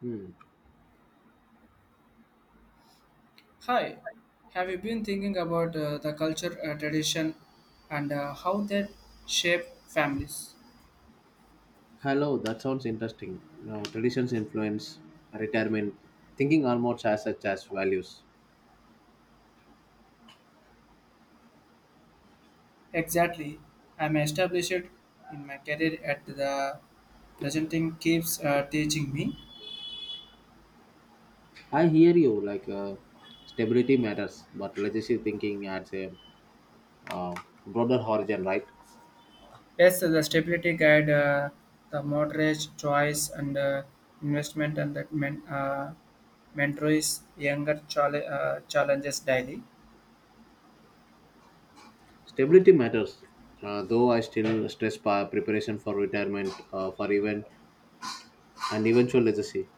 Hmm. Hi, have you been thinking about the culture, tradition, and how they shape families? Hello, that sounds interesting. Now, traditions influence retirement thinking almost as such as values. Exactly. I'm established in my career at the presenting keeps teaching me. I hear you. Like stability matters, but legacy thinking adds a uh, broader horizon, right? Yes, the stability guide, the moderate choice and investment and that mentors younger challenges daily. Stability matters. Though I still stress preparation for retirement, for eventual legacy.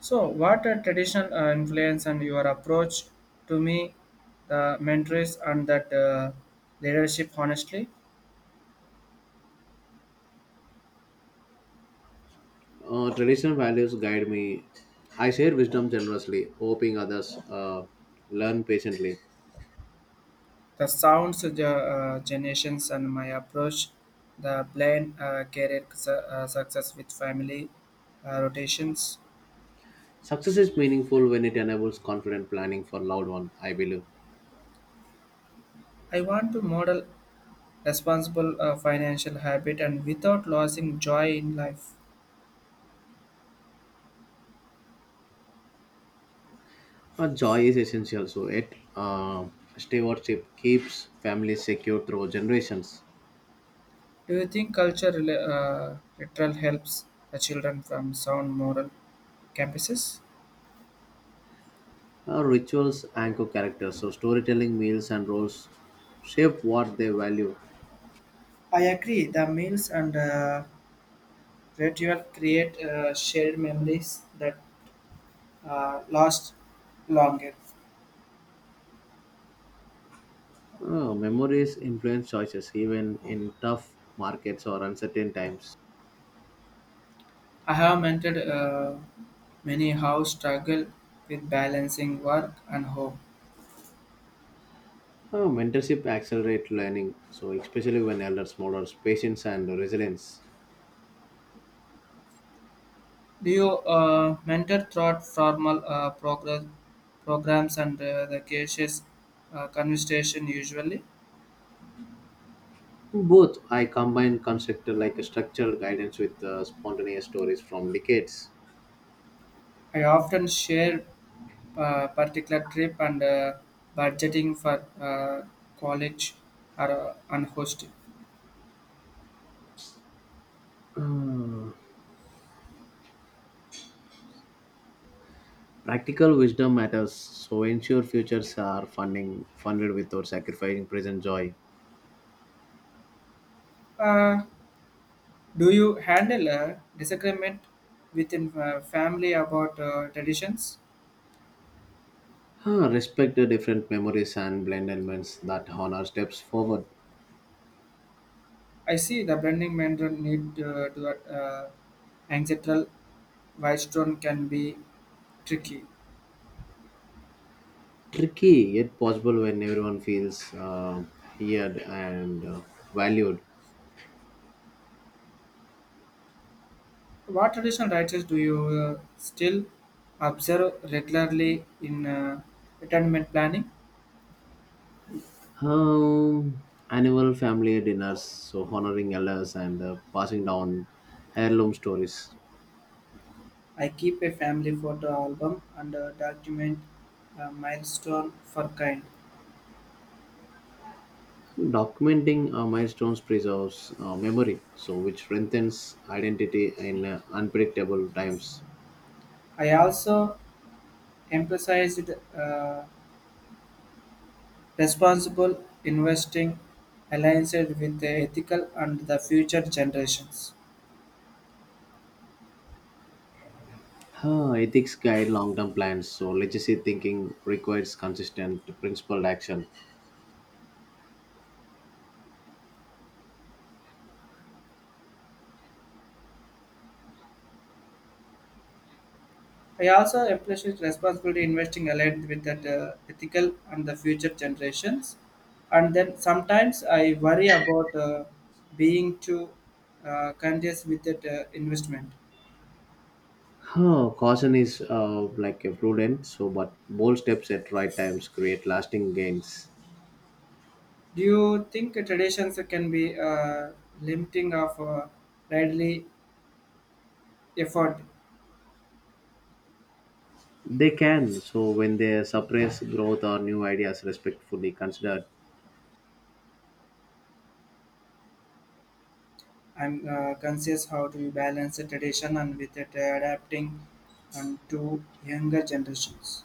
So, what are traditional influence and your approach to me, the mentors and that leadership? Honestly, Traditional values guide me. I share wisdom generously, hoping others learn patiently. the sounds of the generations and my approach, the plan, career success with family rotations. Success is meaningful when it enables confident planning for loved one, I believe. I want to model responsible financial habit and without losing joy in life. Joy is essential, so it stewardship keeps families secure through generations. Do you think culture literal helps the children from sound moral campuses? Rituals anchor characters, so storytelling, meals, and roles shape what they value. I agree. The meals and ritual create shared memories that last longer. Memories influence choices, even in tough markets or uncertain times. I have mentored many how struggle with balancing work and home. Mentorship accelerates learning, so especially when elders model patience and resilience. Do you mentor throughout formal progress, programs and the cases conversation usually? Both, I combine constructed like a structured guidance with spontaneous stories from decades. I often share particular trip and budgeting for college or and hosting. Practical wisdom matters, so ensure futures are funding funded without sacrificing present joy. Uh, do you handle a disagreement within family about traditions? Huh, respect the different memories and blend elements that honor steps forward. I see the blending mentor need to ancestral wisdom can be tricky. Tricky yet possible when everyone feels heard and valued. What traditional rites do you still observe regularly in retirement planning? Um, Annual family dinners, so honoring elders and passing down heirloom stories. I keep a family photo album and document milestone for kind. Documenting milestones preserves memory, so which strengthens identity in unpredictable times. I also emphasized uh, Responsible investing aligns it with the ethical and the future generations. Huh, ethics guide long-term plans, so legacy thinking requires consistent, principled action. I also appreciate responsible investing aligned with that ethical and the future generations. And then sometimes I worry about being too conscious with that investment. Huh, caution is like a prudent, so but bold steps at right times create lasting gains. Do you think traditions can be limiting of readily effort? They can, so when they suppress growth or new ideas respectfully considered. I'm conscious how to balance the tradition and with it adapting and to younger generations.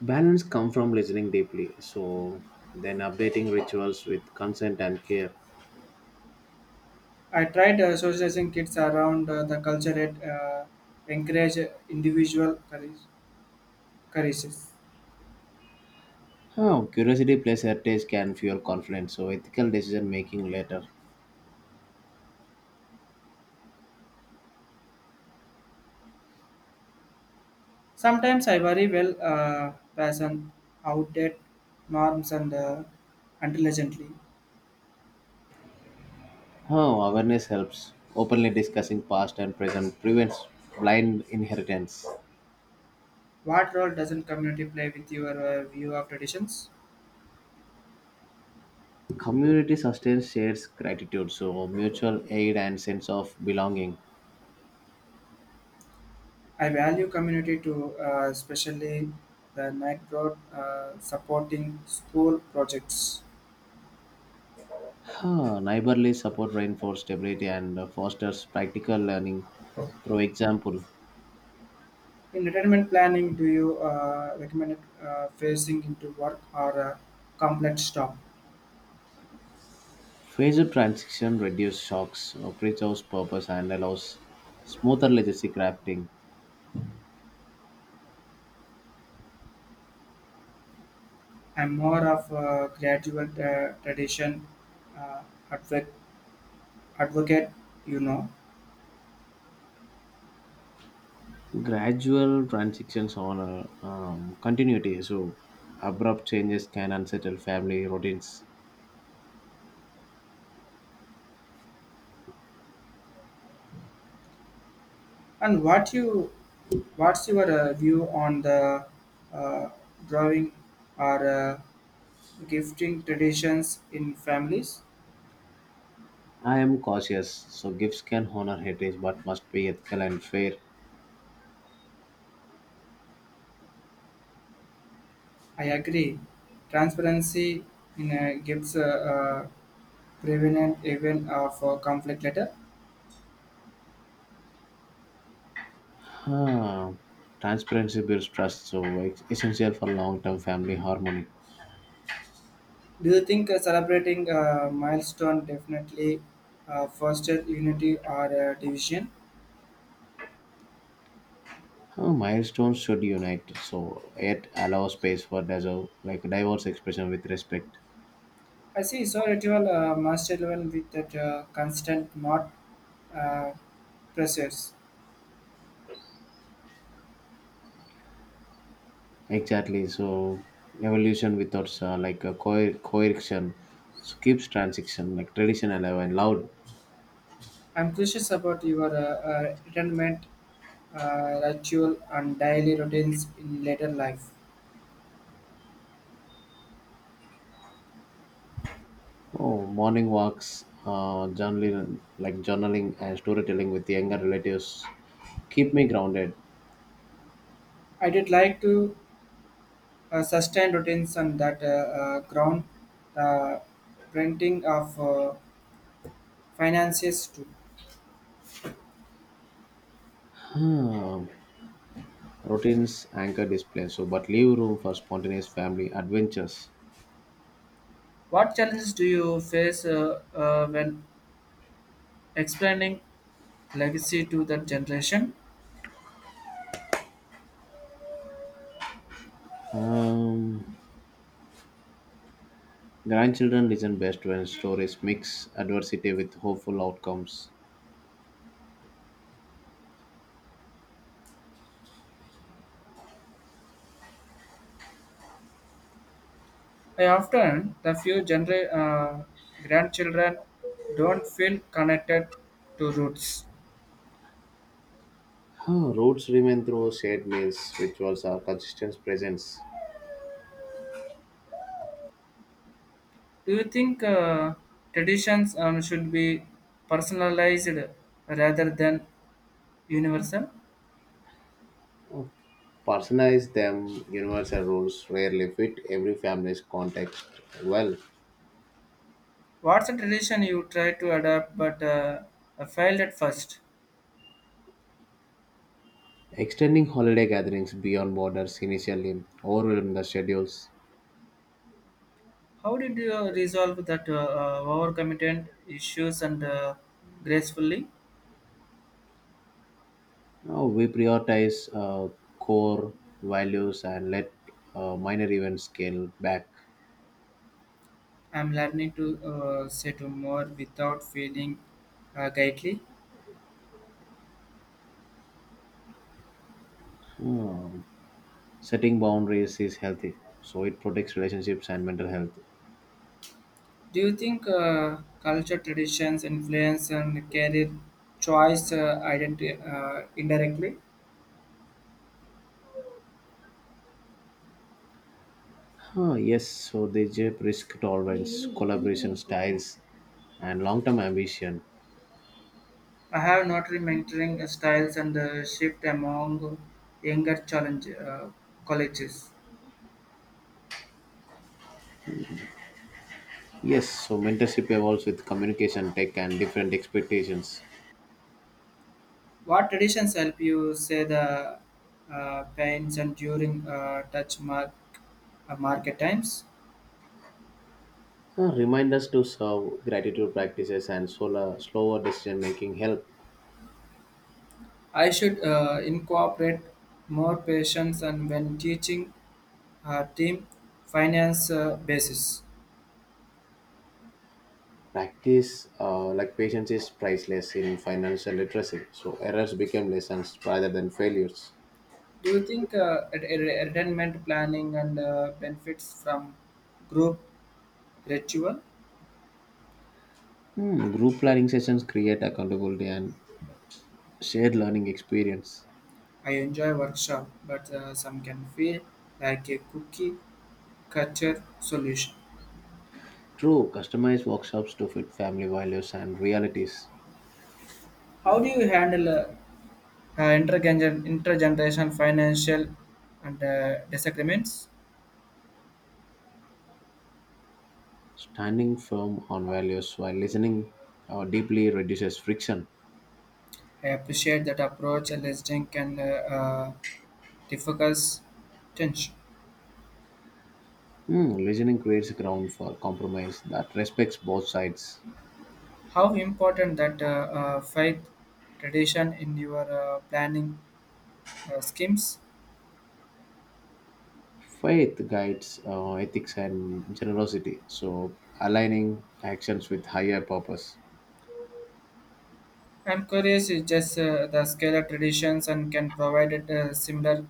Balance come from listening deeply, so then updating rituals with consent and care. I tried socializing kids around the culture and encourage individual courages. Oh, curiosity plus heritage can fuel confidence, so ethical decision making later. Sometimes I worry well passion outdated norms and intelligently. Oh, awareness helps. Openly discussing past and present prevents blind inheritance. What role doesn't community play with your view of traditions? Community sustains shared gratitude, so mutual aid and sense of belonging. I value community too, especially the night broad supporting school projects. Huh, neighborly support reinforces stability and fosters practical learning through example. In retirement planning, do you recommend phasing into work or a complete stop? Phased transition reduces shocks, preserves purpose, and allows smoother legacy crafting. I'm more of a gradual tradition uh, advocate, advocate, you know. Gradual transitions on a continuity, so abrupt changes can unsettle family routines. And what you, what's your view on the uh, drawing or gifting traditions in families? I am cautious, so gifts can honor heritage but must be ethical and fair. I agree. Transparency in gives prevenient event of conflict letter. Huh. Transparency builds trust, so it's essential for long term family harmony. Do you think celebrating a milestone definitely foster unity or division? Huh, milestones should unite, so it allows space for deserve, like diverse expression with respect. I see. So ritual master level with that constant not uh, pressures. Exactly. So evolution without like a coercion so keeps transition like tradition alive and loud. I'm curious about your retirement ritual and daily routines in later life. Oh, morning walks, journaling, like journaling and storytelling with younger relatives keep me grounded. I did like to sustained routines and that ground the printing of finances too. Routines anchor display, so but leave room for spontaneous family adventures. What challenges do you face when explaining legacy to the generation? Um, Grandchildren listen best when stories mix adversity with hopeful outcomes. I often the few grandchildren don't feel connected to roots. Huh, roots remain through shared meals, rituals, or consistent presence. Do you think traditions should be personalized rather than universal? Personalize them, universal rules rarely fit every family's context well. What's a tradition you tried to adapt but failed at first? Extending holiday gatherings beyond borders initially overwhelmed the schedules. How did you resolve that overcommitment issues and gracefully? Now we prioritize core values and let minor events scale back. I'm learning to say to more without feeling guilty. Hmm. Setting boundaries is healthy, so it protects relationships and mental health. Do you think culture, traditions, influence, and career choice identity indirectly? Huh, yes, so they shape risk tolerance, collaboration styles, and long term ambition. I have not really mentoring styles and shift among younger challenge colleges. Yes, so mentorship evolves with communication, tech, and different expectations. What traditions help you say the pains and during touch mark market times? Remind us to serve, gratitude practices, and solar, slower decision making help. I should incorporate more patience and when teaching team finance basis. Practice, like patience, is priceless in financial literacy. So errors become lessons rather than failures. Do you think retirement planning and benefits from group ritual? Hmm, group learning sessions create accountability and shared learning experience. I enjoy workshop, but some can feel like a cookie cutter solution. True, customized workshops to fit family values and realities. How do you handle intergenerational financial and disagreements? Standing firm on values while listening deeply reduces friction. I appreciate that approach and listening can diffuse tension. Hmm, listening creates a ground for compromise that respects both sides. How important that faith tradition in your planning schemes? Faith guides ethics and generosity, so aligning actions with higher purpose. I'm curious, is just the scale of traditions and can provide it a similar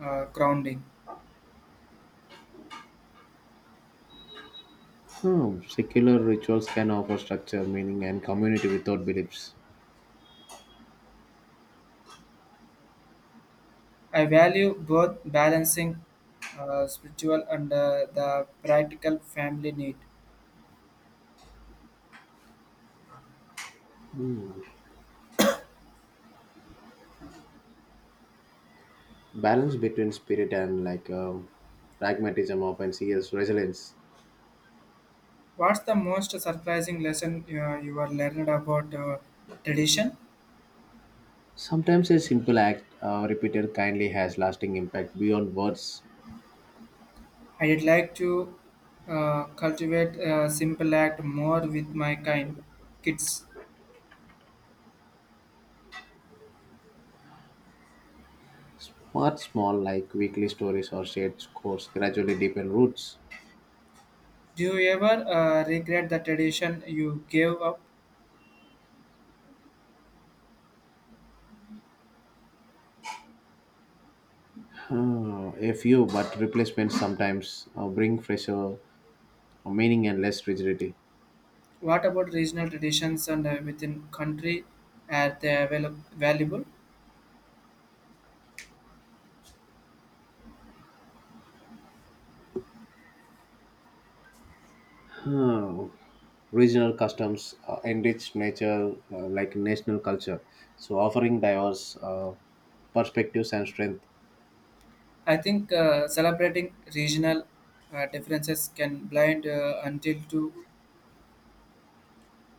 grounding. Hmm, secular rituals can offer structure, meaning, and community without beliefs. I value both balancing spiritual and the practical family need. Balance between spirit and like pragmatism often sees resilience. What's the most surprising lesson you were learned about tradition? Sometimes a simple act repeated kindly has lasting impact beyond words. I'd like to cultivate a simple act more with my kind kids. Smart, small, like weekly stories or shared scores gradually deepen roots. Do you ever regret the tradition you gave up? A few, but replacements sometimes bring fresher meaning and less rigidity. What about regional traditions and within country? Are they valuable? Uh, Regional customs enrich nature like national culture, so offering diverse perspectives and strength. I think celebrating regional differences can blind until to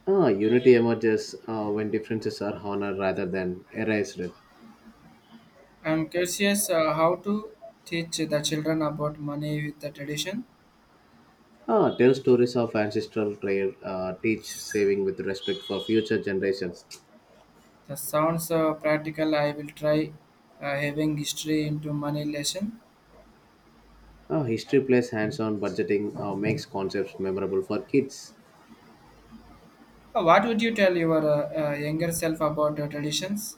Unity emerges when differences are honored rather than erased. I'm curious how to teach the children about money with the tradition. Ah, tell stories of ancestral trade, teach saving with respect for future generations. That sounds practical. I will try having history into money lesson. Ah, history plays hands on budgeting, makes concepts memorable for kids. What would you tell your younger self about the traditions?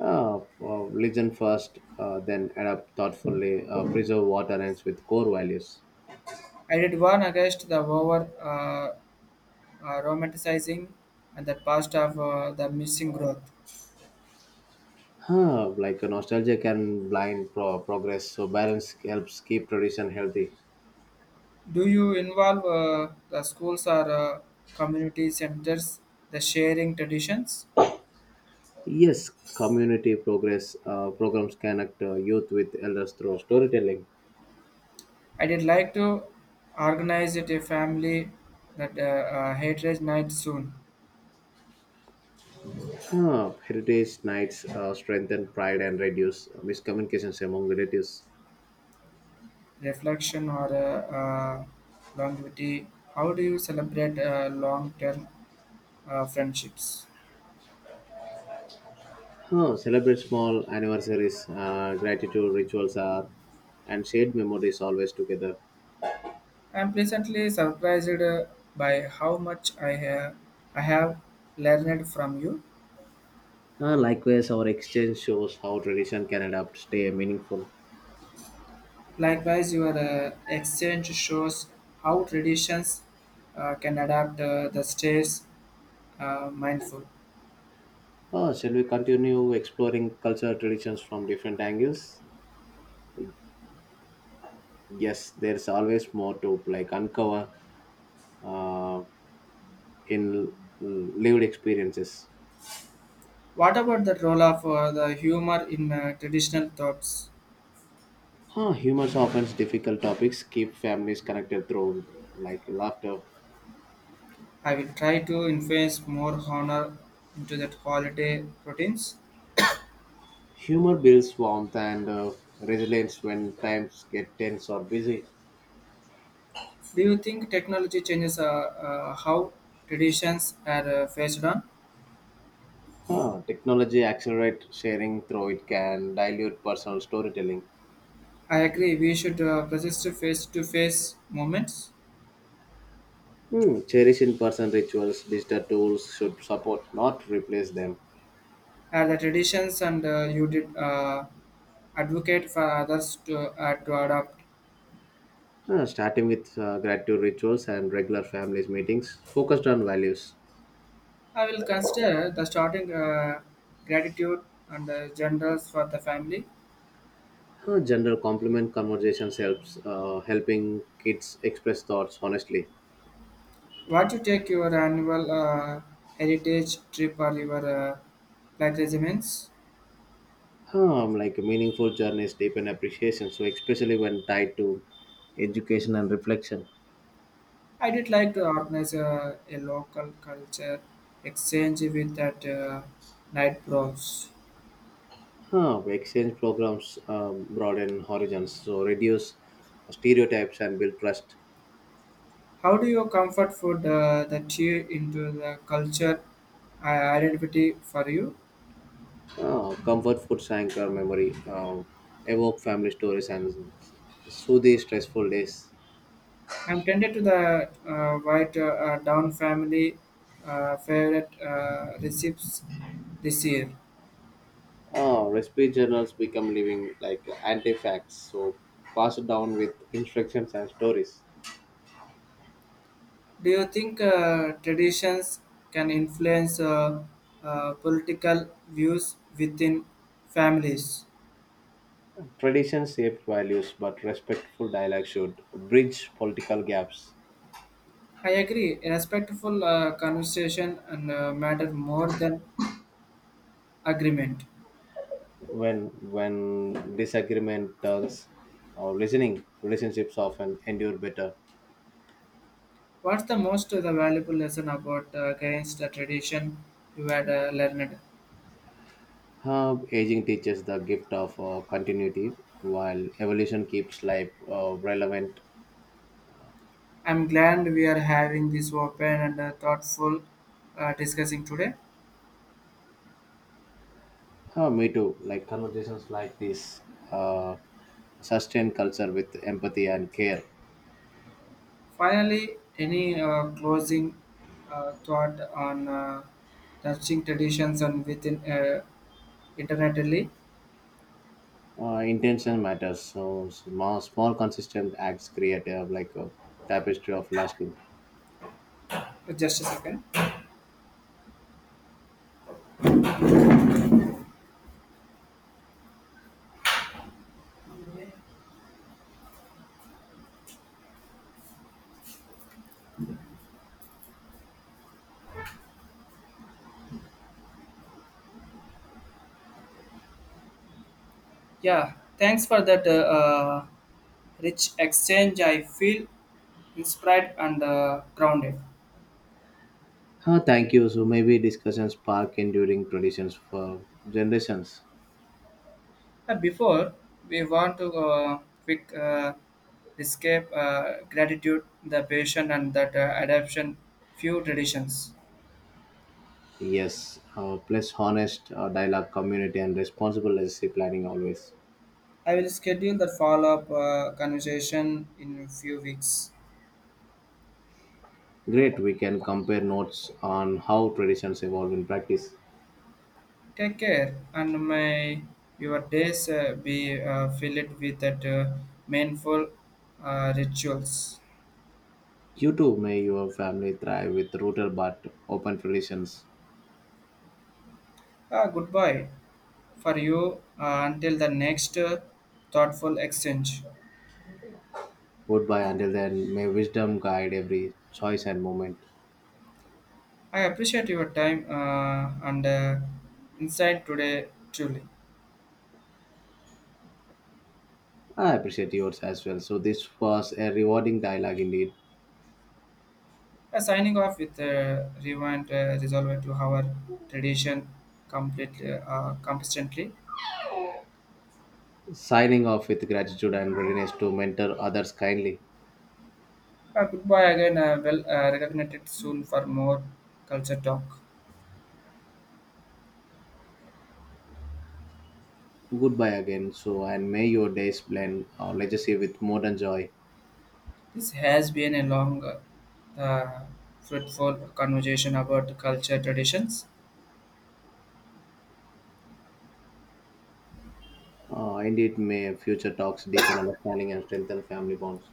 Listen first, then adapt thoughtfully, preserve what aligns with core values. I did warn against the over romanticizing and the past of the missing growth. Huh, like a nostalgia can blind progress, so balance helps keep tradition healthy. Do you involve the schools or community centers the sharing traditions? Yes, community progress programs connect youth with elders through storytelling. I did like to organize it a family that hatred night soon. Huh, heritage nights strengthen pride and reduce miscommunications among relatives. Reflection or longevity. How do you celebrate long-term friendships? Huh, celebrate small anniversaries, gratitude rituals are, and shared memories always together. I'm pleasantly surprised by how much I have learned from you. Likewise, our exchange shows how tradition can adapt, stay meaningful. Likewise, your exchange shows how traditions can adapt the states mindful. Shall we continue exploring cultural traditions from different angles? Yes, there's always more to like uncover uh, in lived experiences. What about the role of the humor in traditional thoughts? Huh, humor softens difficult topics keep families connected through like laughter. I will try to influence more honor into that holiday routines. Humor builds warmth and resilience when times get tense or busy. Do you think technology changes how traditions are faced on? Huh, technology accelerate sharing through it can dilute personal storytelling. I agree. We should persist to face-to-face moments. Hmm, cherish in-person rituals. Digital tools should support, not replace them. Are the traditions and you did advocate for others to adopt? Huh, starting with gratitude rituals and regular families meetings focused on values. I will consider the starting gratitude and generals for the family. Huh, general compliment conversations helps helping kids express thoughts honestly. What you take your annual heritage trip or your pilgrimages? Huh, like meaningful journeys deepen appreciation. So especially when tied to education and reflection. I did like to organize a local culture exchange with that night bronze. Huh, exchange programs broaden horizons, so reduce stereotypes and build trust. How do you comfort food that you into the culture identity for you? Comfort foods anchor memory, evoke family stories and soothe stressful days. I'm tended to the white down family favorite recipes this year. Recipe journals become living like artifacts, so passed down with instructions and stories. Do you think traditions can influence political views within families? Tradition shape values, but respectful dialogue should bridge political gaps. I agree. A respectful conversation and matter more than agreement. when when disagreement turns or listening relationships often endure better. What's the most the valuable lesson about against the tradition you had learned? Aging teaches the gift of continuity while evolution keeps life relevant. I'm glad we are having this open and thoughtful discussing today. Me too, like conversations like this uh, sustain culture with empathy and care. Finally, any closing thought on nurturing traditions and within internetally? Intention matters, so small, small consistent acts create like a tapestry of lasting. Just a second. Yeah, thanks for that uh, rich exchange. I feel inspired and grounded. Thank you so maybe discussions spark enduring traditions for generations. Before we want to quick escape gratitude, the patient, and that adaption few traditions. Yes, plus honest dialogue, community, and responsible legacy planning always. I will schedule that follow up conversation in a few weeks. Great, we can compare notes on how traditions evolve in practice. Take care, and may your days be filled with that meaningful rituals. You too, may your family thrive with rooted but open traditions. Ah, goodbye for you until the next thoughtful exchange. Goodbye until then, may wisdom guide every choice and moment. I appreciate your time and insight today, truly. I appreciate yours as well. So, this was a rewarding dialogue indeed. Signing off with Rewind Resolver to our tradition completely, consistently. Signing off with gratitude and readiness to mentor others kindly. Goodbye again. Well, reconnected soon for more culture talk. Goodbye again, so, and may your days blend our legacy with modern joy. This has been a long, fruitful conversation about the culture traditions. And may future talks deepen understanding and strengthen family bonds.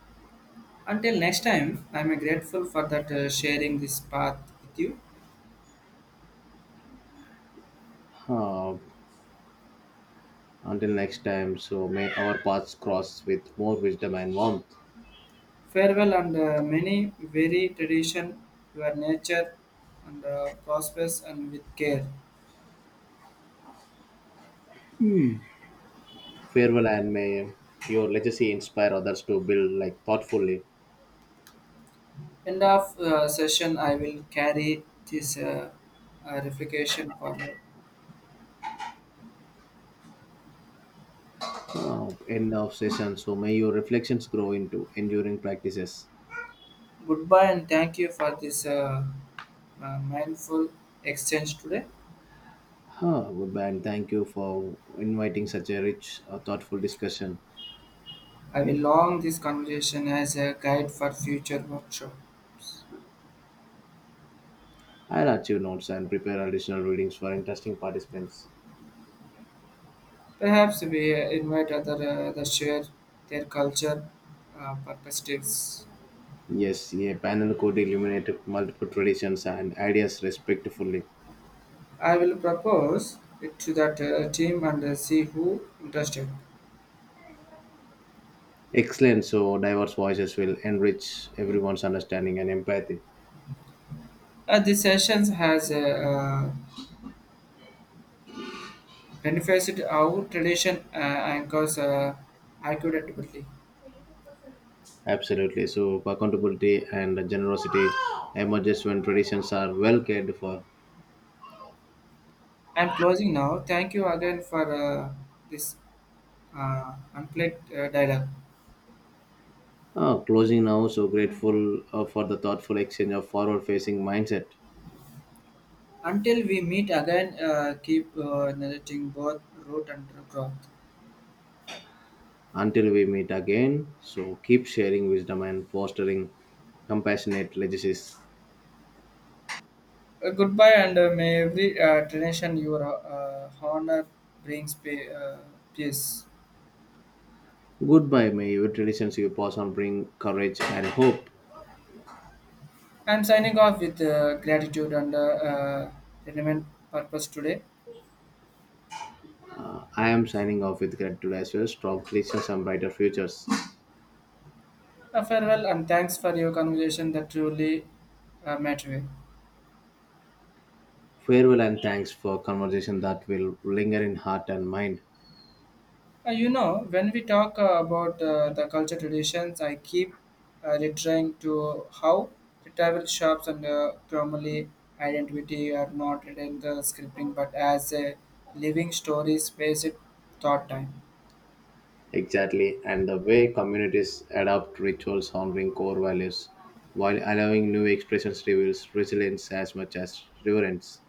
Until next time, I'm grateful for that sharing this path with you. Uh, until next time, so may our paths cross with more wisdom and warmth. Farewell and many very tradition, your nature and prosperous and with care. Farewell, and may your legacy inspire others to build like thoughtfully. End of session, I will carry this replication forward. End of session. So may your reflections grow into enduring practices. Goodbye and thank you for this mindful exchange today. Huh, goodbye, and thank you for inviting such a rich, thoughtful discussion. I will long this conversation as a guide for future workshop. I'll add your notes and prepare additional readings for interesting participants. Perhaps we invite other to share their culture uh, perspectives. Yes, a panel could illuminate multiple traditions and ideas respectfully. I will propose it to that team and see who interested. Excellent. So diverse voices will enrich everyone's understanding and empathy. This sessions has benefited our tradition anchors accurately. Absolutely. So accountability and generosity emerges when traditions are well cared for. I'm closing now. Thank you again for this unplugged dialogue. Ah, closing now. So grateful for the thoughtful exchange of forward-facing mindset. Until we meet again, keep narrating both root and growth. Until we meet again. So keep sharing wisdom and fostering compassionate legacies. Goodbye, and may every donation your honor brings peace. Goodbye, may your traditions you pass on bring courage and hope. I'm signing off with gratitude and relevant purpose today. I am signing off with gratitude as well, strong traditions and brighter futures. A farewell and thanks for your conversation that truly mattered. Farewell and thanks for conversation that will linger in heart and mind. When we talk about the culture traditions, I keep returning to how the travel shops and formally identity are not written the scripting but as a living stories based thought time. Exactly, and the way communities adopt rituals honoring core values while allowing new expressions reveals resilience as much as reverence.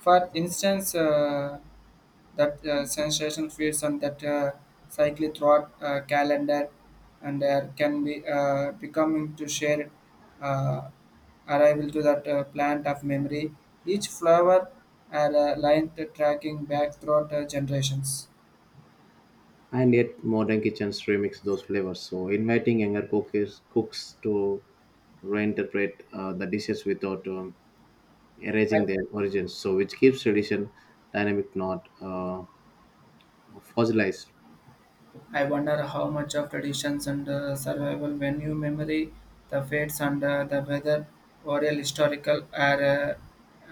For instance, that sensation feeds on that cycle throughout calendar and there can be becoming to share uh, arrival to that plant of memory each flower are line to tracking back throughout generations. And yet, modern kitchens remix those flavors, so inviting younger cooks to reinterpret the dishes without I, erasing their origins. So, which keeps tradition dynamic, not fossilized. I wonder how much of traditions and survival venue memory the fates and the weather oral historical are uh,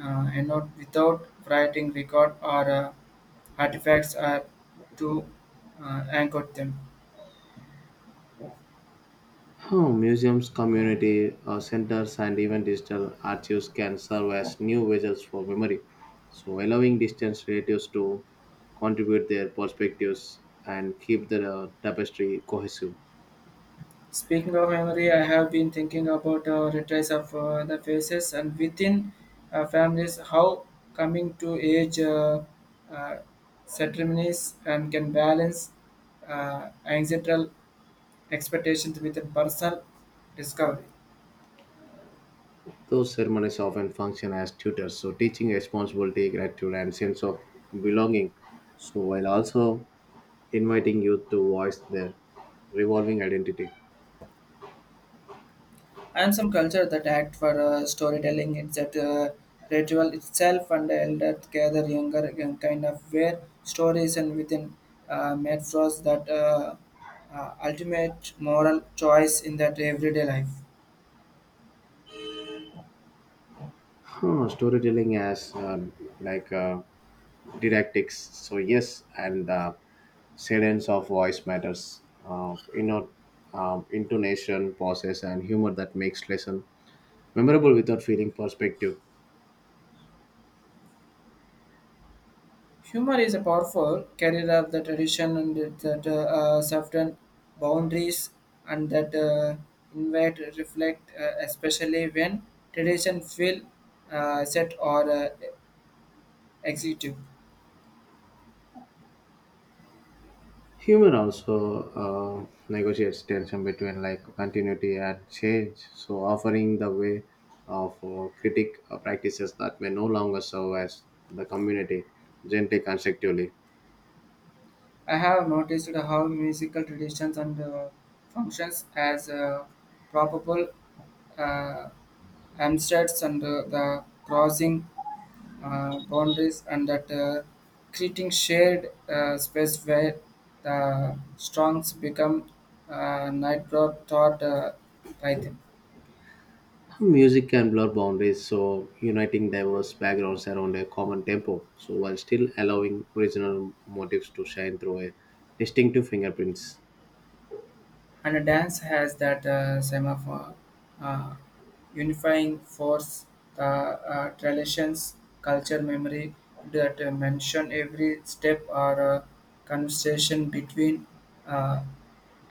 uh, you know, without writing record or Artifacts are to anchor them. Huh, museums, community centers, and even digital archives can serve as new vessels for memory. So, allowing distant relatives to contribute their perspectives and keep the tapestry cohesive. Speaking of memory, I have been thinking about retrace of the faces and within families, how coming to age uh, ceremonies and can balance ancestral expectations with a personal discovery. Those ceremonies often function as tutors, so teaching responsibility, gratitude, and sense of belonging. So, while also inviting youth to voice their revolving identity. And some culture that act for storytelling it's that ritual itself and elder gather younger again kind of where stories and within metaphors that ultimate moral choice in that everyday life. Huh, storytelling as like didactics. So yes, and the cadence of voice matters. Intonation, pauses, and humor that makes lesson memorable without feeling perspective. Humor is a powerful carrier of the tradition and that certain boundaries and that invite reflect especially when tradition feel set or executive. Humor also uh, negotiates tension between like continuity and change. So offering the way of critic practices that may no longer serve as the community gently constructively. I have noticed how musical traditions and functions as probable uh, hamsters and the crossing boundaries and that creating shared space where the strongs become nitro taught python. Music can blur boundaries, so uniting diverse backgrounds around a common tempo, so while still allowing original motifs to shine through a distinctive fingerprints. And a dance has that semaphore, uh, unifying force, the traditions, culture, memory that mention every step or conversation between uh,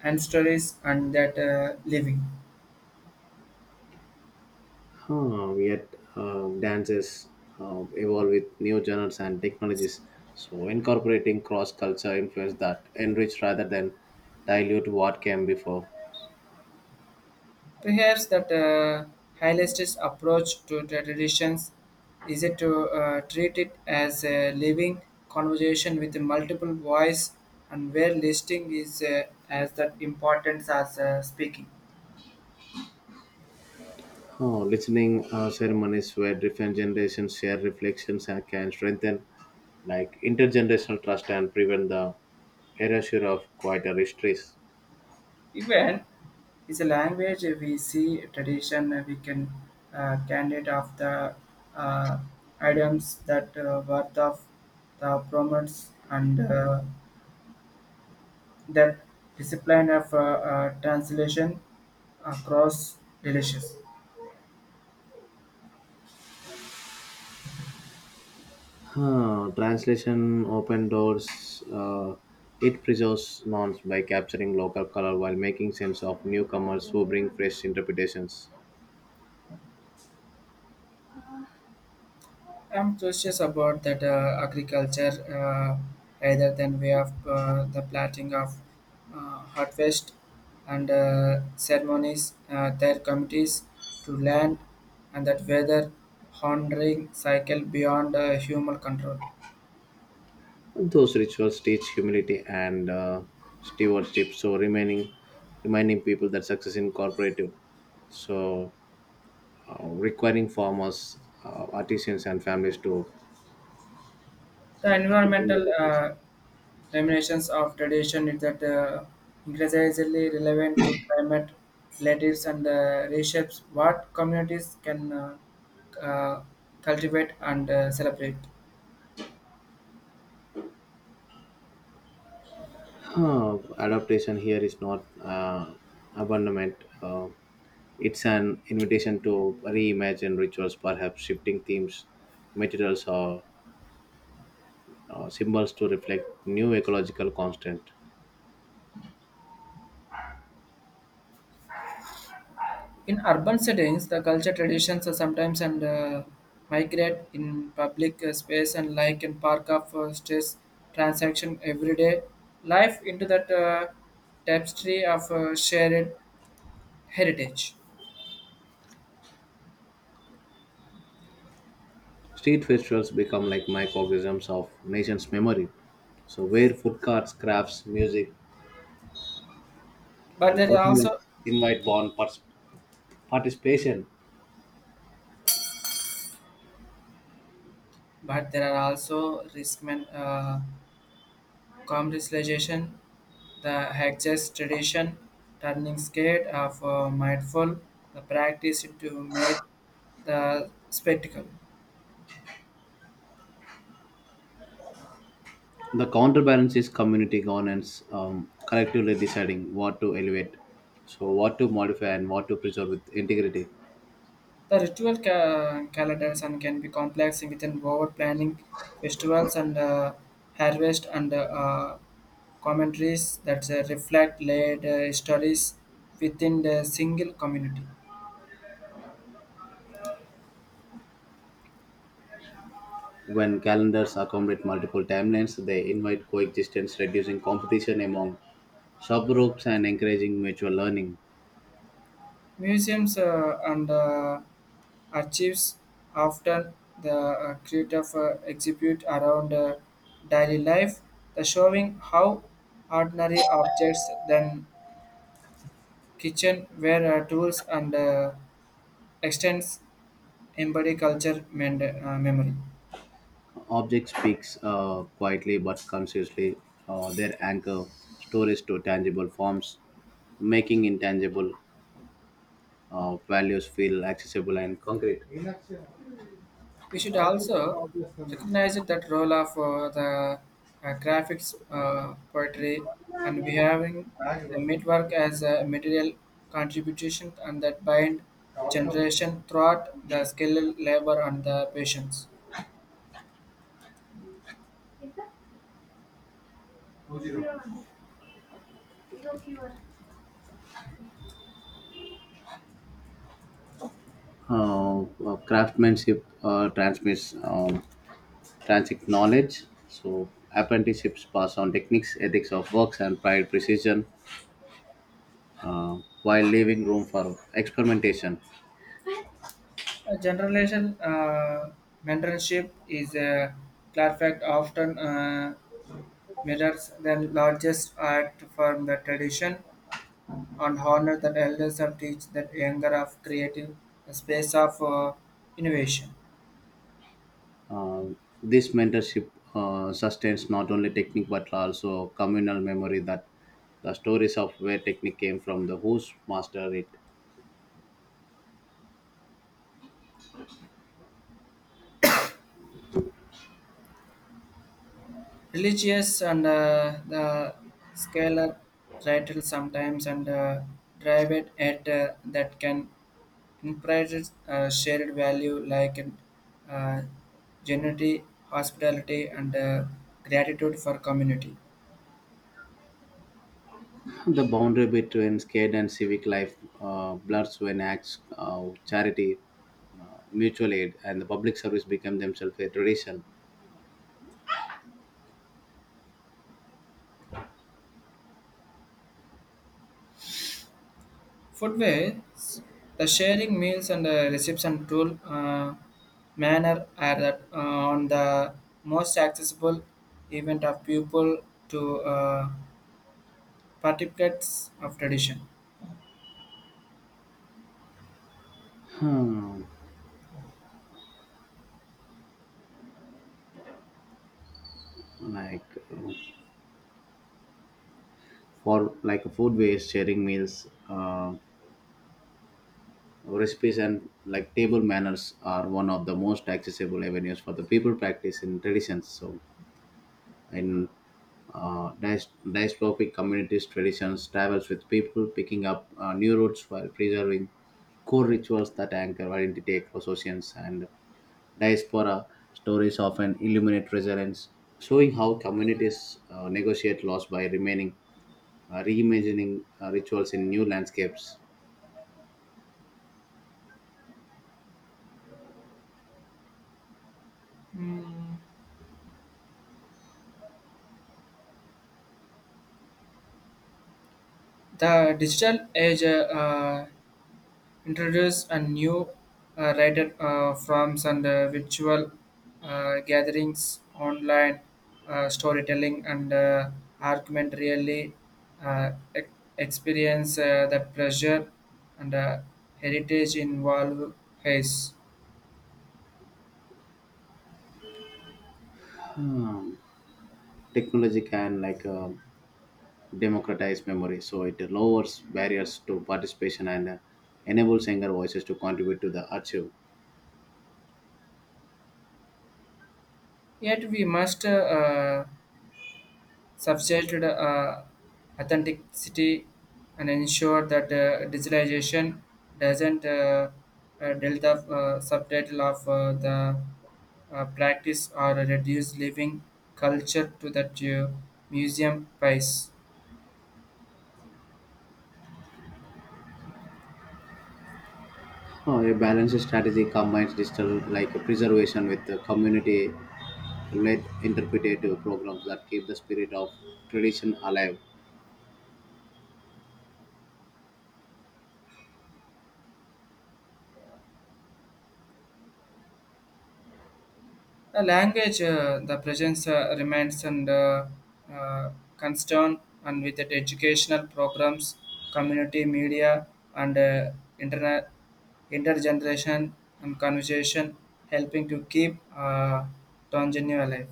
ancestors and that living. Huh, yet dances evolve with new genres and technologies, so incorporating cross-culture influence that enrich rather than dilute what came before. Perhaps that holistic approach to the traditions is it to treat it as a living conversation with multiple voice and where listening is as that importance as speaking. Oh, listening ceremonies where different generations share reflections and can strengthen like intergenerational trust and prevent the erasure of quieter histories. Even is a language we see tradition we can candidate of the uh, items that worth of the promotes and that discipline of translation across delicious. Huh, translation open doors. It preserves norms by capturing local color while making sense of newcomers who bring fresh interpretations. I'm curious about that agriculture rather than way of the planting of harvest and ceremonies, their committees to land and that weather honoring cycle beyond human control. Those rituals teach humility and stewardship, so remaining reminding people that success is cooperative. So requiring farmers, artisans, and families to The stick in with environmental the process. Terminations of tradition is that increasingly relevant to climate relatives and reshapes what communities can uh, cultivate and celebrate. Uh, Adaptation here is not abandonment. Uh, it's an invitation to reimagine rituals, perhaps shifting themes, materials, or symbols to reflect new ecological constant. In urban settings, the culture traditions are sometimes and migrate in public space and like in park of stress transaction everyday life into that tapestry of shared heritage. Street festivals become like microcosms of nation's memory. So where food carts, crafts, music, But and there is also performance invite bond participation. But there are also Risman commercialization, the hedges tradition, turning scared of mindful, the practice to make the spectacle. The counterbalance is community governance, collectively deciding what to elevate, so what to modify and what to preserve with integrity. The calendars and can be complex within over planning festivals and harvest and commentaries that reflect laid stories within the single community. When calendars accommodate multiple timelines, they invite coexistence, reducing competition among sub groups and encouraging mutual learning. Museums and archives often the creative exhibit around daily life, the showing how ordinary objects then kitchen were tools and extends embody culture memory. Object speaks quietly but consciously. Their anchor stories to tangible forms, making intangible values feel accessible and concrete. We should also recognize that role of the graphics, poetry, and behaving the midwork as a material contribution and that bind generation throughout the skilled labor and the patience. Craftsmanship transmits transit knowledge. So apprenticeships pass on techniques, ethics of works, and pride precision, uh, while leaving room for experimentation. A generation mentorship is a clear fact often mirrors the largest act form the tradition and honor that elders and teach that younger of creative a space of innovation. Uh, this mentorship sustains not only technique but also communal memory, that the stories of where technique came from, the who's mastered it. Religious and the scalar rattle sometimes and drive it at that can encourage shared value like uh, generosity, hospitality, and gratitude for community. The boundary between scared and civic life blurs when acts of charity, mutual aid, and the public service become themselves a tradition. Foodways, the sharing meals and the reception tool manner are that on the most accessible event of people to participants of tradition. Hmm. Like uh, for like food waste, sharing meals, recipes, and like table manners are one of the most accessible avenues for the people practice in traditions. So in diasporic communities traditions travels with people picking up new roots while preserving core rituals that anchor identity across oceans, and diaspora stories often illuminate resilience, showing how communities negotiate loss by remaining reimagining rituals in new landscapes. Mm, the digital age introduce a new writer forms and virtual gatherings, online storytelling, and argument really uh, e- experience the pressure and heritage involved haze. um, Technology can like democratize memory, so it lowers barriers to participation and enables younger voices to contribute to the archive. Yet we must subject authenticity and ensure that digitalization doesn't delve the subtitle of the practice or reduce living culture to that museum price. A balanced strategy combines digital like preservation with the community led interpretative programs that keep the spirit of tradition alive. The language, the presence remains and uh, concern and with it educational programs, community media and internet, intergeneration and conversation helping to keep Tanzania alive.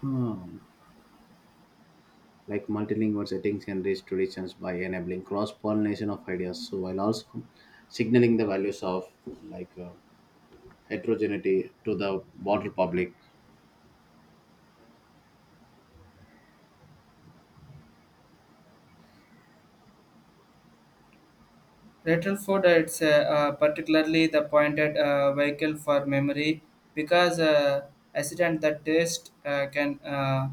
Hmm. Like multilingual settings enrich traditions by enabling cross pollination of ideas, so while also signaling the values of like heterogeneity to the broader public. Retrofit it's particularly the pointed vehicle for memory because accident that taste can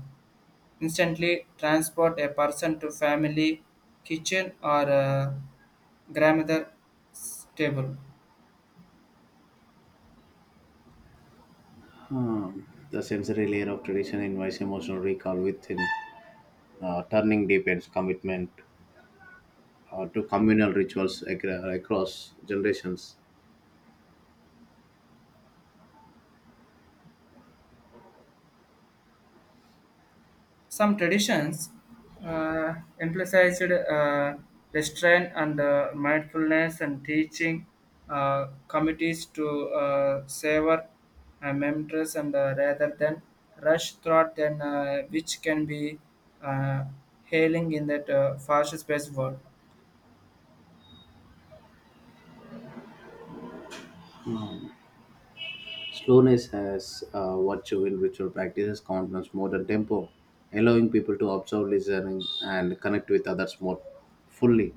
instantly transport a person to family kitchen or grandmother's table. Hmm. The sensory layer of tradition invites emotional recall within, turning deepens commitment to communal rituals across generations. Some traditions uh, emphasized restraint and mindfulness and teaching committees to savor memories and rather than rush thought, then which can be uh, hailing in that fast-paced world. Slowness has virtue in ritual practices, countenance more than tempo, allowing people to observe, listen, and connect with others more fully.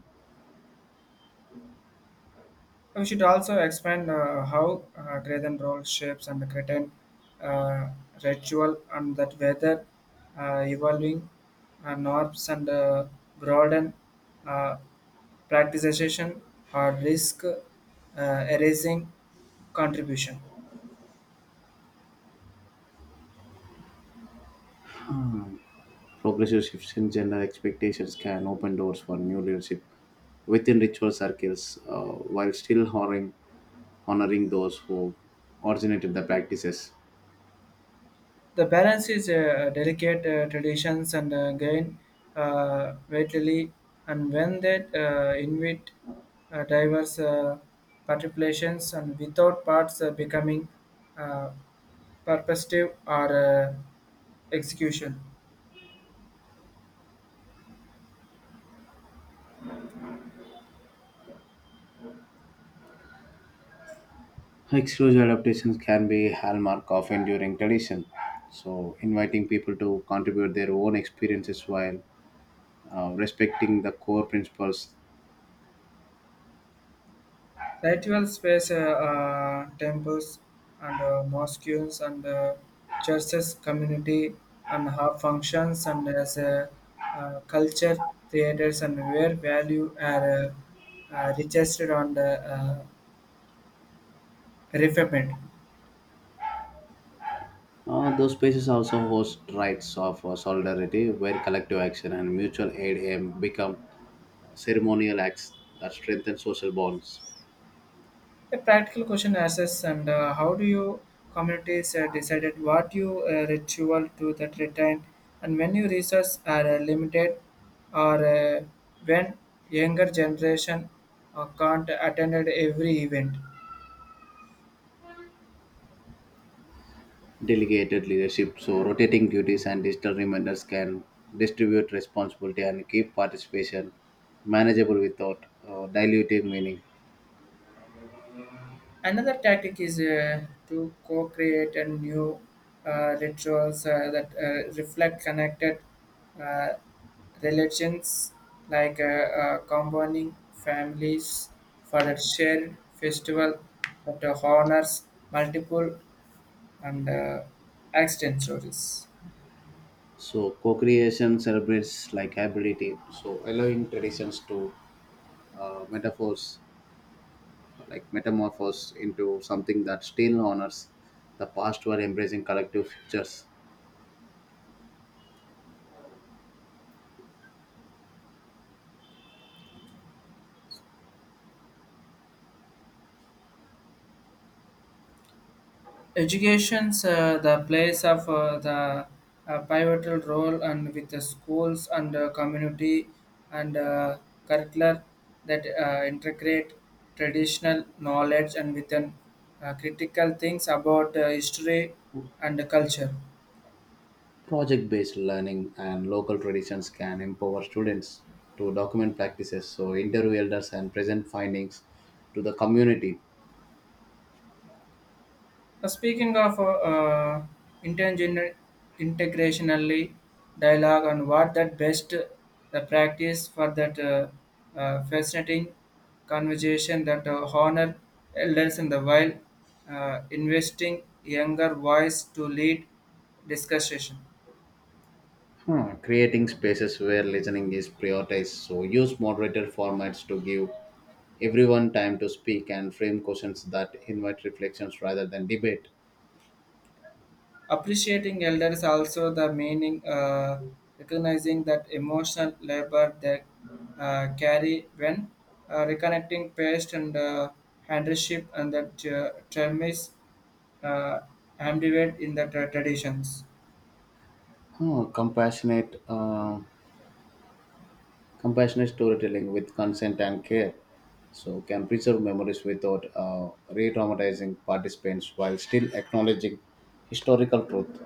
We should also expand how Graydon role shapes and Cretan uh, ritual, and that whether evolving norms and broaden uh, practicization or risk erasing contribution. Hmm. Progressive shifts in gender expectations can open doors for new leadership within ritual circles, while still honoring those who originated the practices. The balance is delicate traditions and gain vitally, and when they invite diverse participations and without parts becoming uh, purposive or execution. Exclusive adaptations can be hallmark of enduring tradition. So, inviting people to contribute their own experiences while respecting the core principles. Ritual space, temples and mosques and churches, community and how functions and as a culture theaters and where value are registered on the refinement. Those spaces also host rites of solidarity, where collective action and mutual aid aim become ceremonial acts that strengthen social bonds. A practical question asks, and how do you communities decided what you ritual to that return, and when your resources are limited, or when younger generation can't attend every event? Delegated leadership, so rotating duties and digital reminders can distribute responsibility and keep participation manageable without diluting meaning. Another tactic is to co-create a new rituals that reflect connected uh, religions, like combining families for the shared festival that honors multiple and extant stories. So co-creation celebrates like hybridity, so allowing traditions to metaphors like metamorphose into something that still honors the past while embracing collective futures. Education's the place of the pivotal role and with the schools and community and curricular that integrate traditional knowledge and with an, critical things about history and culture. Project-based learning and local traditions can empower students to document practices, so interview elders and present findings to the community. Speaking of intergener- integrationally dialogue and what that best the practice for that fascinating conversation that honor elders in the while investing younger voice to lead discussion. Hmm. Creating spaces where listening is prioritized, so use moderated formats to give everyone time to speak and frame questions that invite reflections rather than debate. Appreciating elders also the meaning, recognizing that emotional labor they carry when reconnecting past and handship and that term is uh, ambivert in the traditions. Oh, compassionate storytelling with consent and care, so can preserve memories without re-traumatizing participants while still acknowledging historical truth.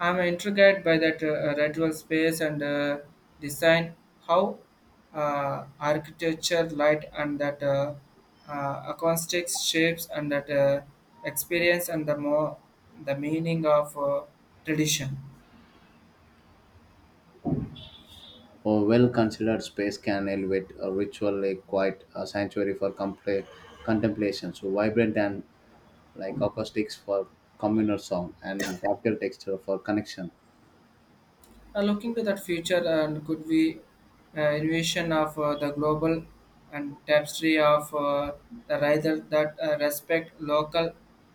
I'm intrigued by that radial space and design, how architecture, light, and that acoustics shapes and that experience and the more the meaning of tradition. A well-considered space can elevate a ritual, a quiet a sanctuary for contemplation. So vibrant and like acoustics for communal song and tactile texture for connection. Now, looking to that future, and could we innovation of the global and tapestry of the rather that respect local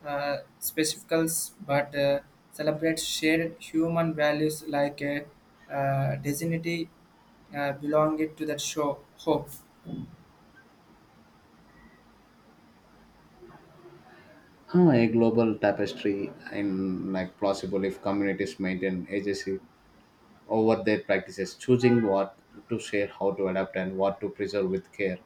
specificals but celebrate shared human values like dignity belonging to that show hope. Huh, a global tapestry and like possible if communities maintain agency over their practices, choosing what to share, how to adapt, and what to preserve with care.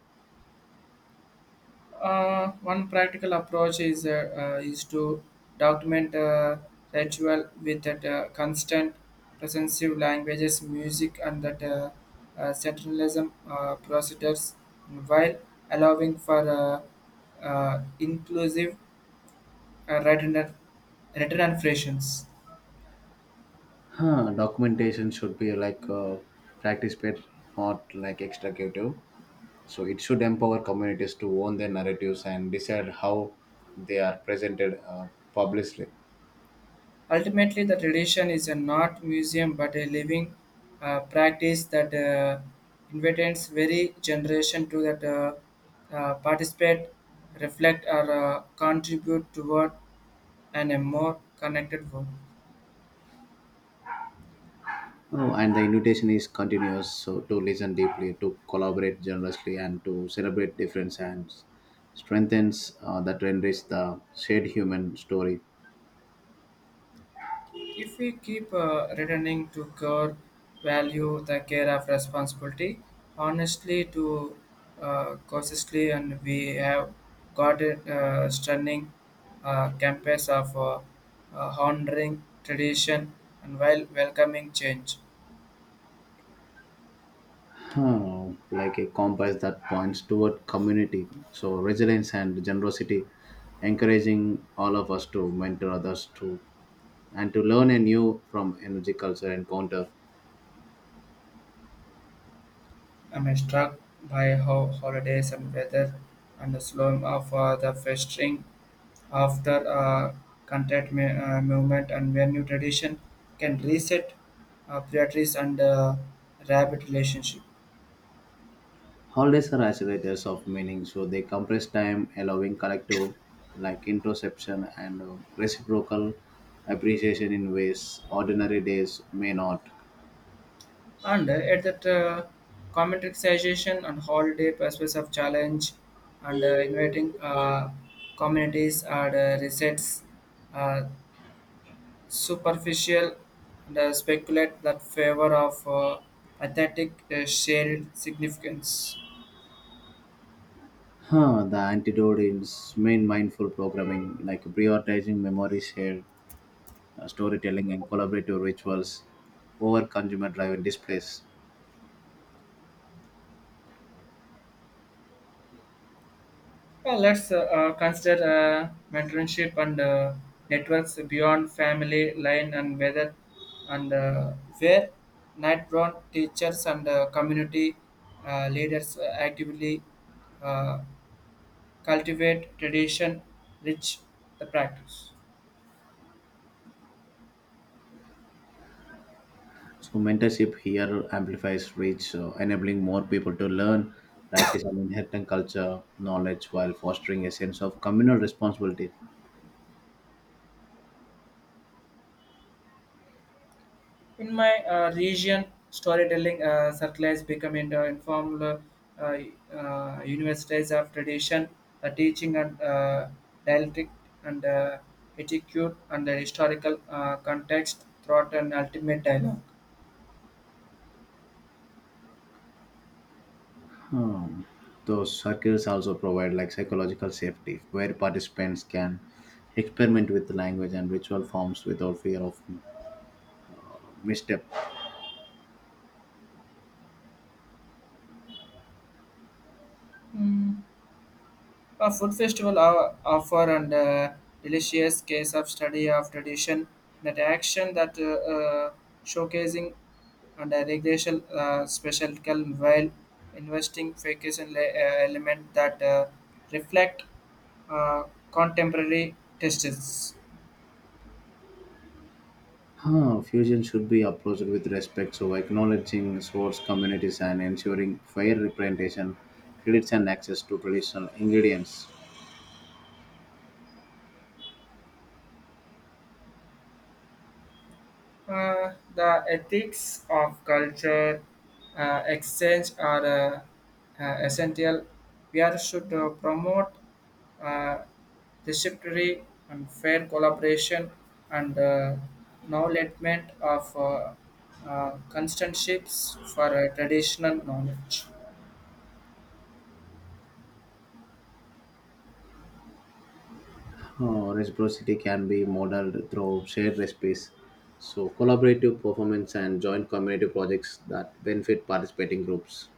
One practical approach is to document ritual with that constant presence languages, music, and that centralism procedures, while allowing for inclusive written and fractions. Huh, documentation should be like practice paid, not like extractive. So it should empower communities to own their narratives and decide how they are presented publicly. Ultimately, the tradition is a not museum but a living practice that invites every generation to that participate, reflect, or contribute toward an, a more connected world. Oh, and the invitation is continuous, so to listen deeply, to collaborate generously, and to celebrate difference and strengthens that renders the shared human story. If we keep returning to core value, the care of responsibility, honestly to cautiously, and we have got a stunning campus of honoring tradition and while welcoming change. Oh, like a compass that points toward community. So resilience and generosity, encouraging all of us to mentor others to and to learn anew from energy culture encounter. I'm struck by how holidays and weather and the slow of the festering after content movement and where new tradition can reset priorities and rabbit relationship. Holidays are accelerators of meaning, so they compress time, allowing collective, like introspection and reciprocal appreciation in ways ordinary days may not. And at that commercialization and holiday purpose of challenge and inviting communities and resets uh, superficial and speculate that favor of authentic shared significance. Huh, the antidote is main mindful programming, like prioritizing memory shared, storytelling, and collaborative rituals over consumer driven displays. Let's consider mentorship and networks beyond family line and whether and where nightbound teachers and community leaders actively uh, cultivate tradition, rich the practice. So mentorship here amplifies reach, enabling more people to learn, practice, and inherit culture knowledge while fostering a sense of communal responsibility. In my region, storytelling circulates become an informal uh, universities of tradition, the teaching and dialectic and etiquette and the historical context throughout an ultimate dialogue. Hmm. Those circles also provide like psychological safety, where participants can experiment with language and ritual forms without fear of misstep. Hmm. A food festival offer and a delicious case of study of tradition that action that showcasing and a recreational special calm while investing vacation element that reflect uh, contemporary tastes. Huh, fusion should be approached with respect, so acknowledging source communities and ensuring fair representation, credits, and access to traditional ingredients. The ethics of culture exchange are essential. We are should promote uh, receptivity and fair collaboration and knowledgement of constantships for traditional knowledge. Reciprocity can be modeled through shared recipes, so collaborative performance and joint community projects that benefit participating groups.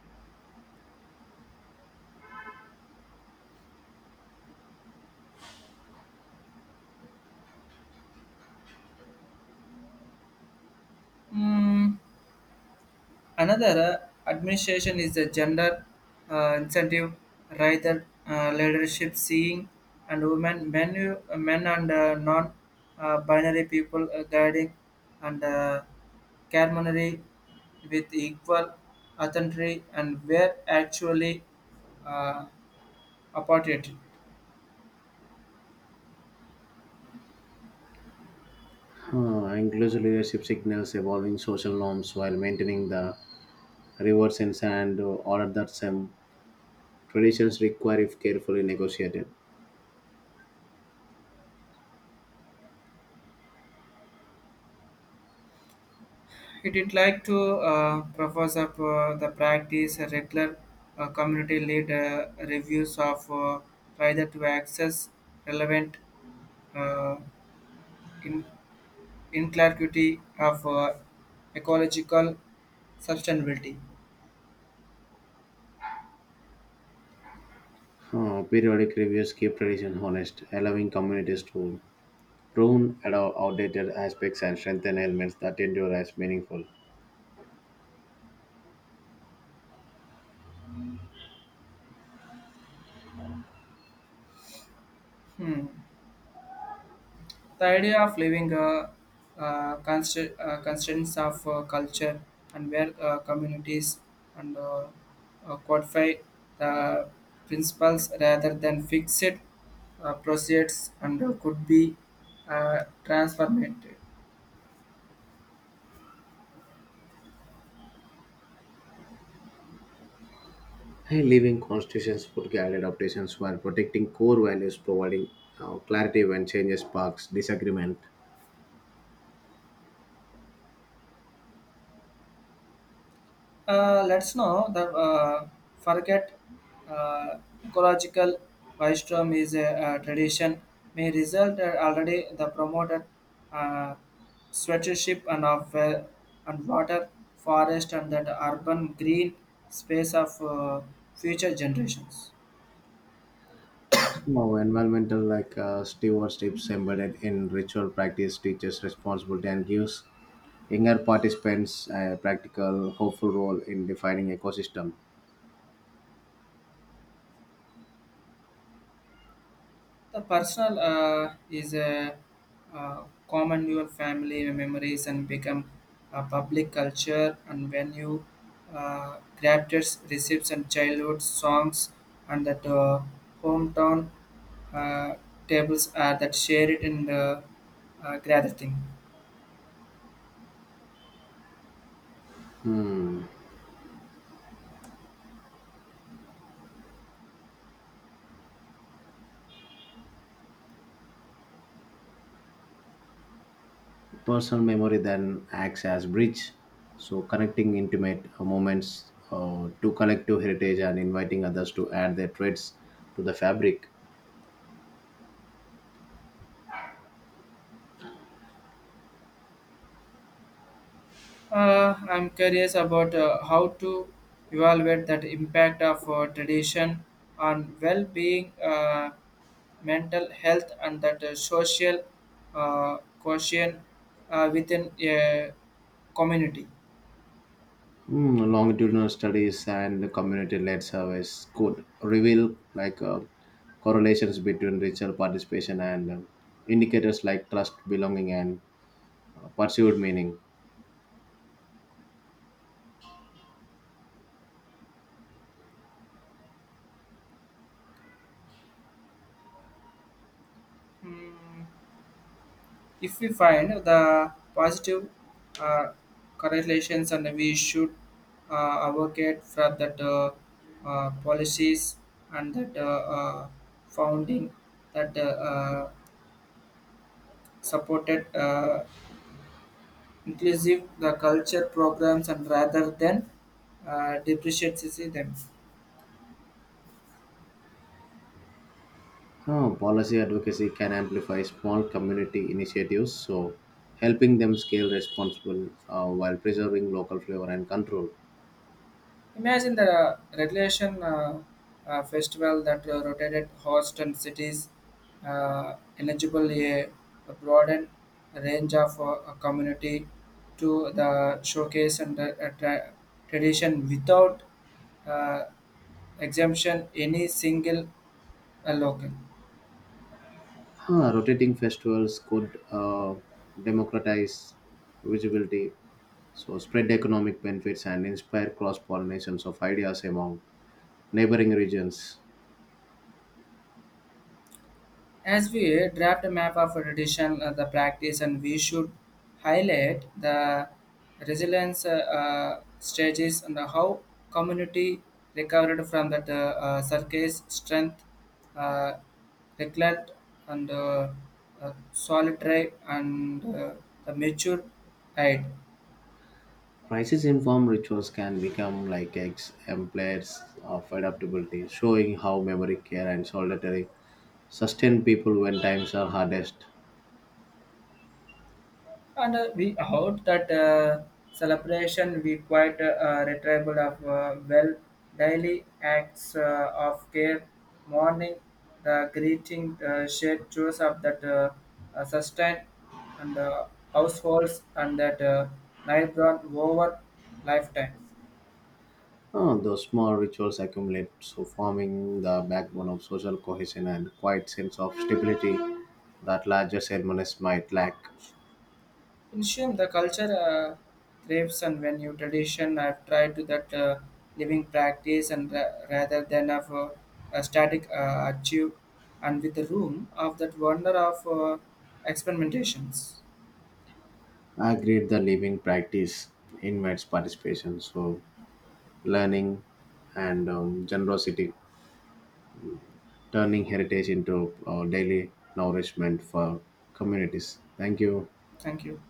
Hmm, another administration is the gender incentive rather leadership seeing and women, men and non binary people guiding and culinary with equal authority and where actually uh, opportunity. Inclusive leadership signals evolving social norms while maintaining the reward sense and order that some traditions require if carefully negotiated. It would like to propose up the practice a regular community lead reviews of rather to access relevant uh, in inclusivity of ecological sustainability. Periodic reviews keep tradition honest, allowing communities to outdated aspects and strengthen elements that endure as meaningful. Hmm. The idea of living constraints of culture and where communities and codify the principles rather than fixed procedures and could be transformed. Hey, living constitutions put guided adaptations while protecting core values, providing clarity when changes sparks disagreement. Let's know the forget uh, ecological wisdom is a, tradition may result already the promoted uh, sweatership and of and water forest and that urban green space of future generations. Now, environmental like stewardships embedded in ritual practice teaches responsibility and gives younger participants a practical, hopeful role in defining ecosystem. The personal is a uh, common your family memories and become a public culture and when you grafters recipes and childhood songs and that hometown uh, tables are that shared in the gathering. Personal memory then acts as bridge, so connecting intimate moments to collective heritage and inviting others to add their traits to the fabric. I'm curious about how to evaluate that impact of tradition on well-being, mental health, and that social quotient within a community. Mm, longitudinal studies and community-led surveys could reveal like correlations between ritual participation and indicators like trust, belonging, and pursued meaning. Hmm, if we find the positive uh, correlations, and we should advocate for that policies and that founding that, supported inclusive the culture programs and rather than depreciating them. Policy advocacy can amplify small community initiatives, so helping them scale responsible while preserving local flavor and control. Imagine the regulation festival that rotated hosts and cities eligible a broadened range of a community to the showcase and the tradition without uh, exemption any single local. Huh, rotating festivals could democratize visibility. So, spread economic benefits and inspire cross pollinations of ideas among neighboring regions. As we draft a map of tradition, the practice, and we should highlight the resilience stages and how community recovered from that circus strength, uh, neglect, and solitary and the mature height. Crisis informed rituals can become like exemplars of adaptability, showing how memory care and solidarity sustain people when times are hardest. And we heard that celebration we quite retrievable of well daily acts of care morning the greeting shared choice of that sustain and households and that night run over lifetime. Oh, those small rituals accumulate, so forming the backbone of social cohesion and quiet sense of stability that larger ceremonies might lack. In Shum, the culture thrives and when you tradition, I've tried to that living practice and rather than of a static achieve and with the room of that wonder of experimentations. I agreed the living practice invites participation, so learning, and generosity, turning heritage into daily nourishment for communities. Thank you. Thank you.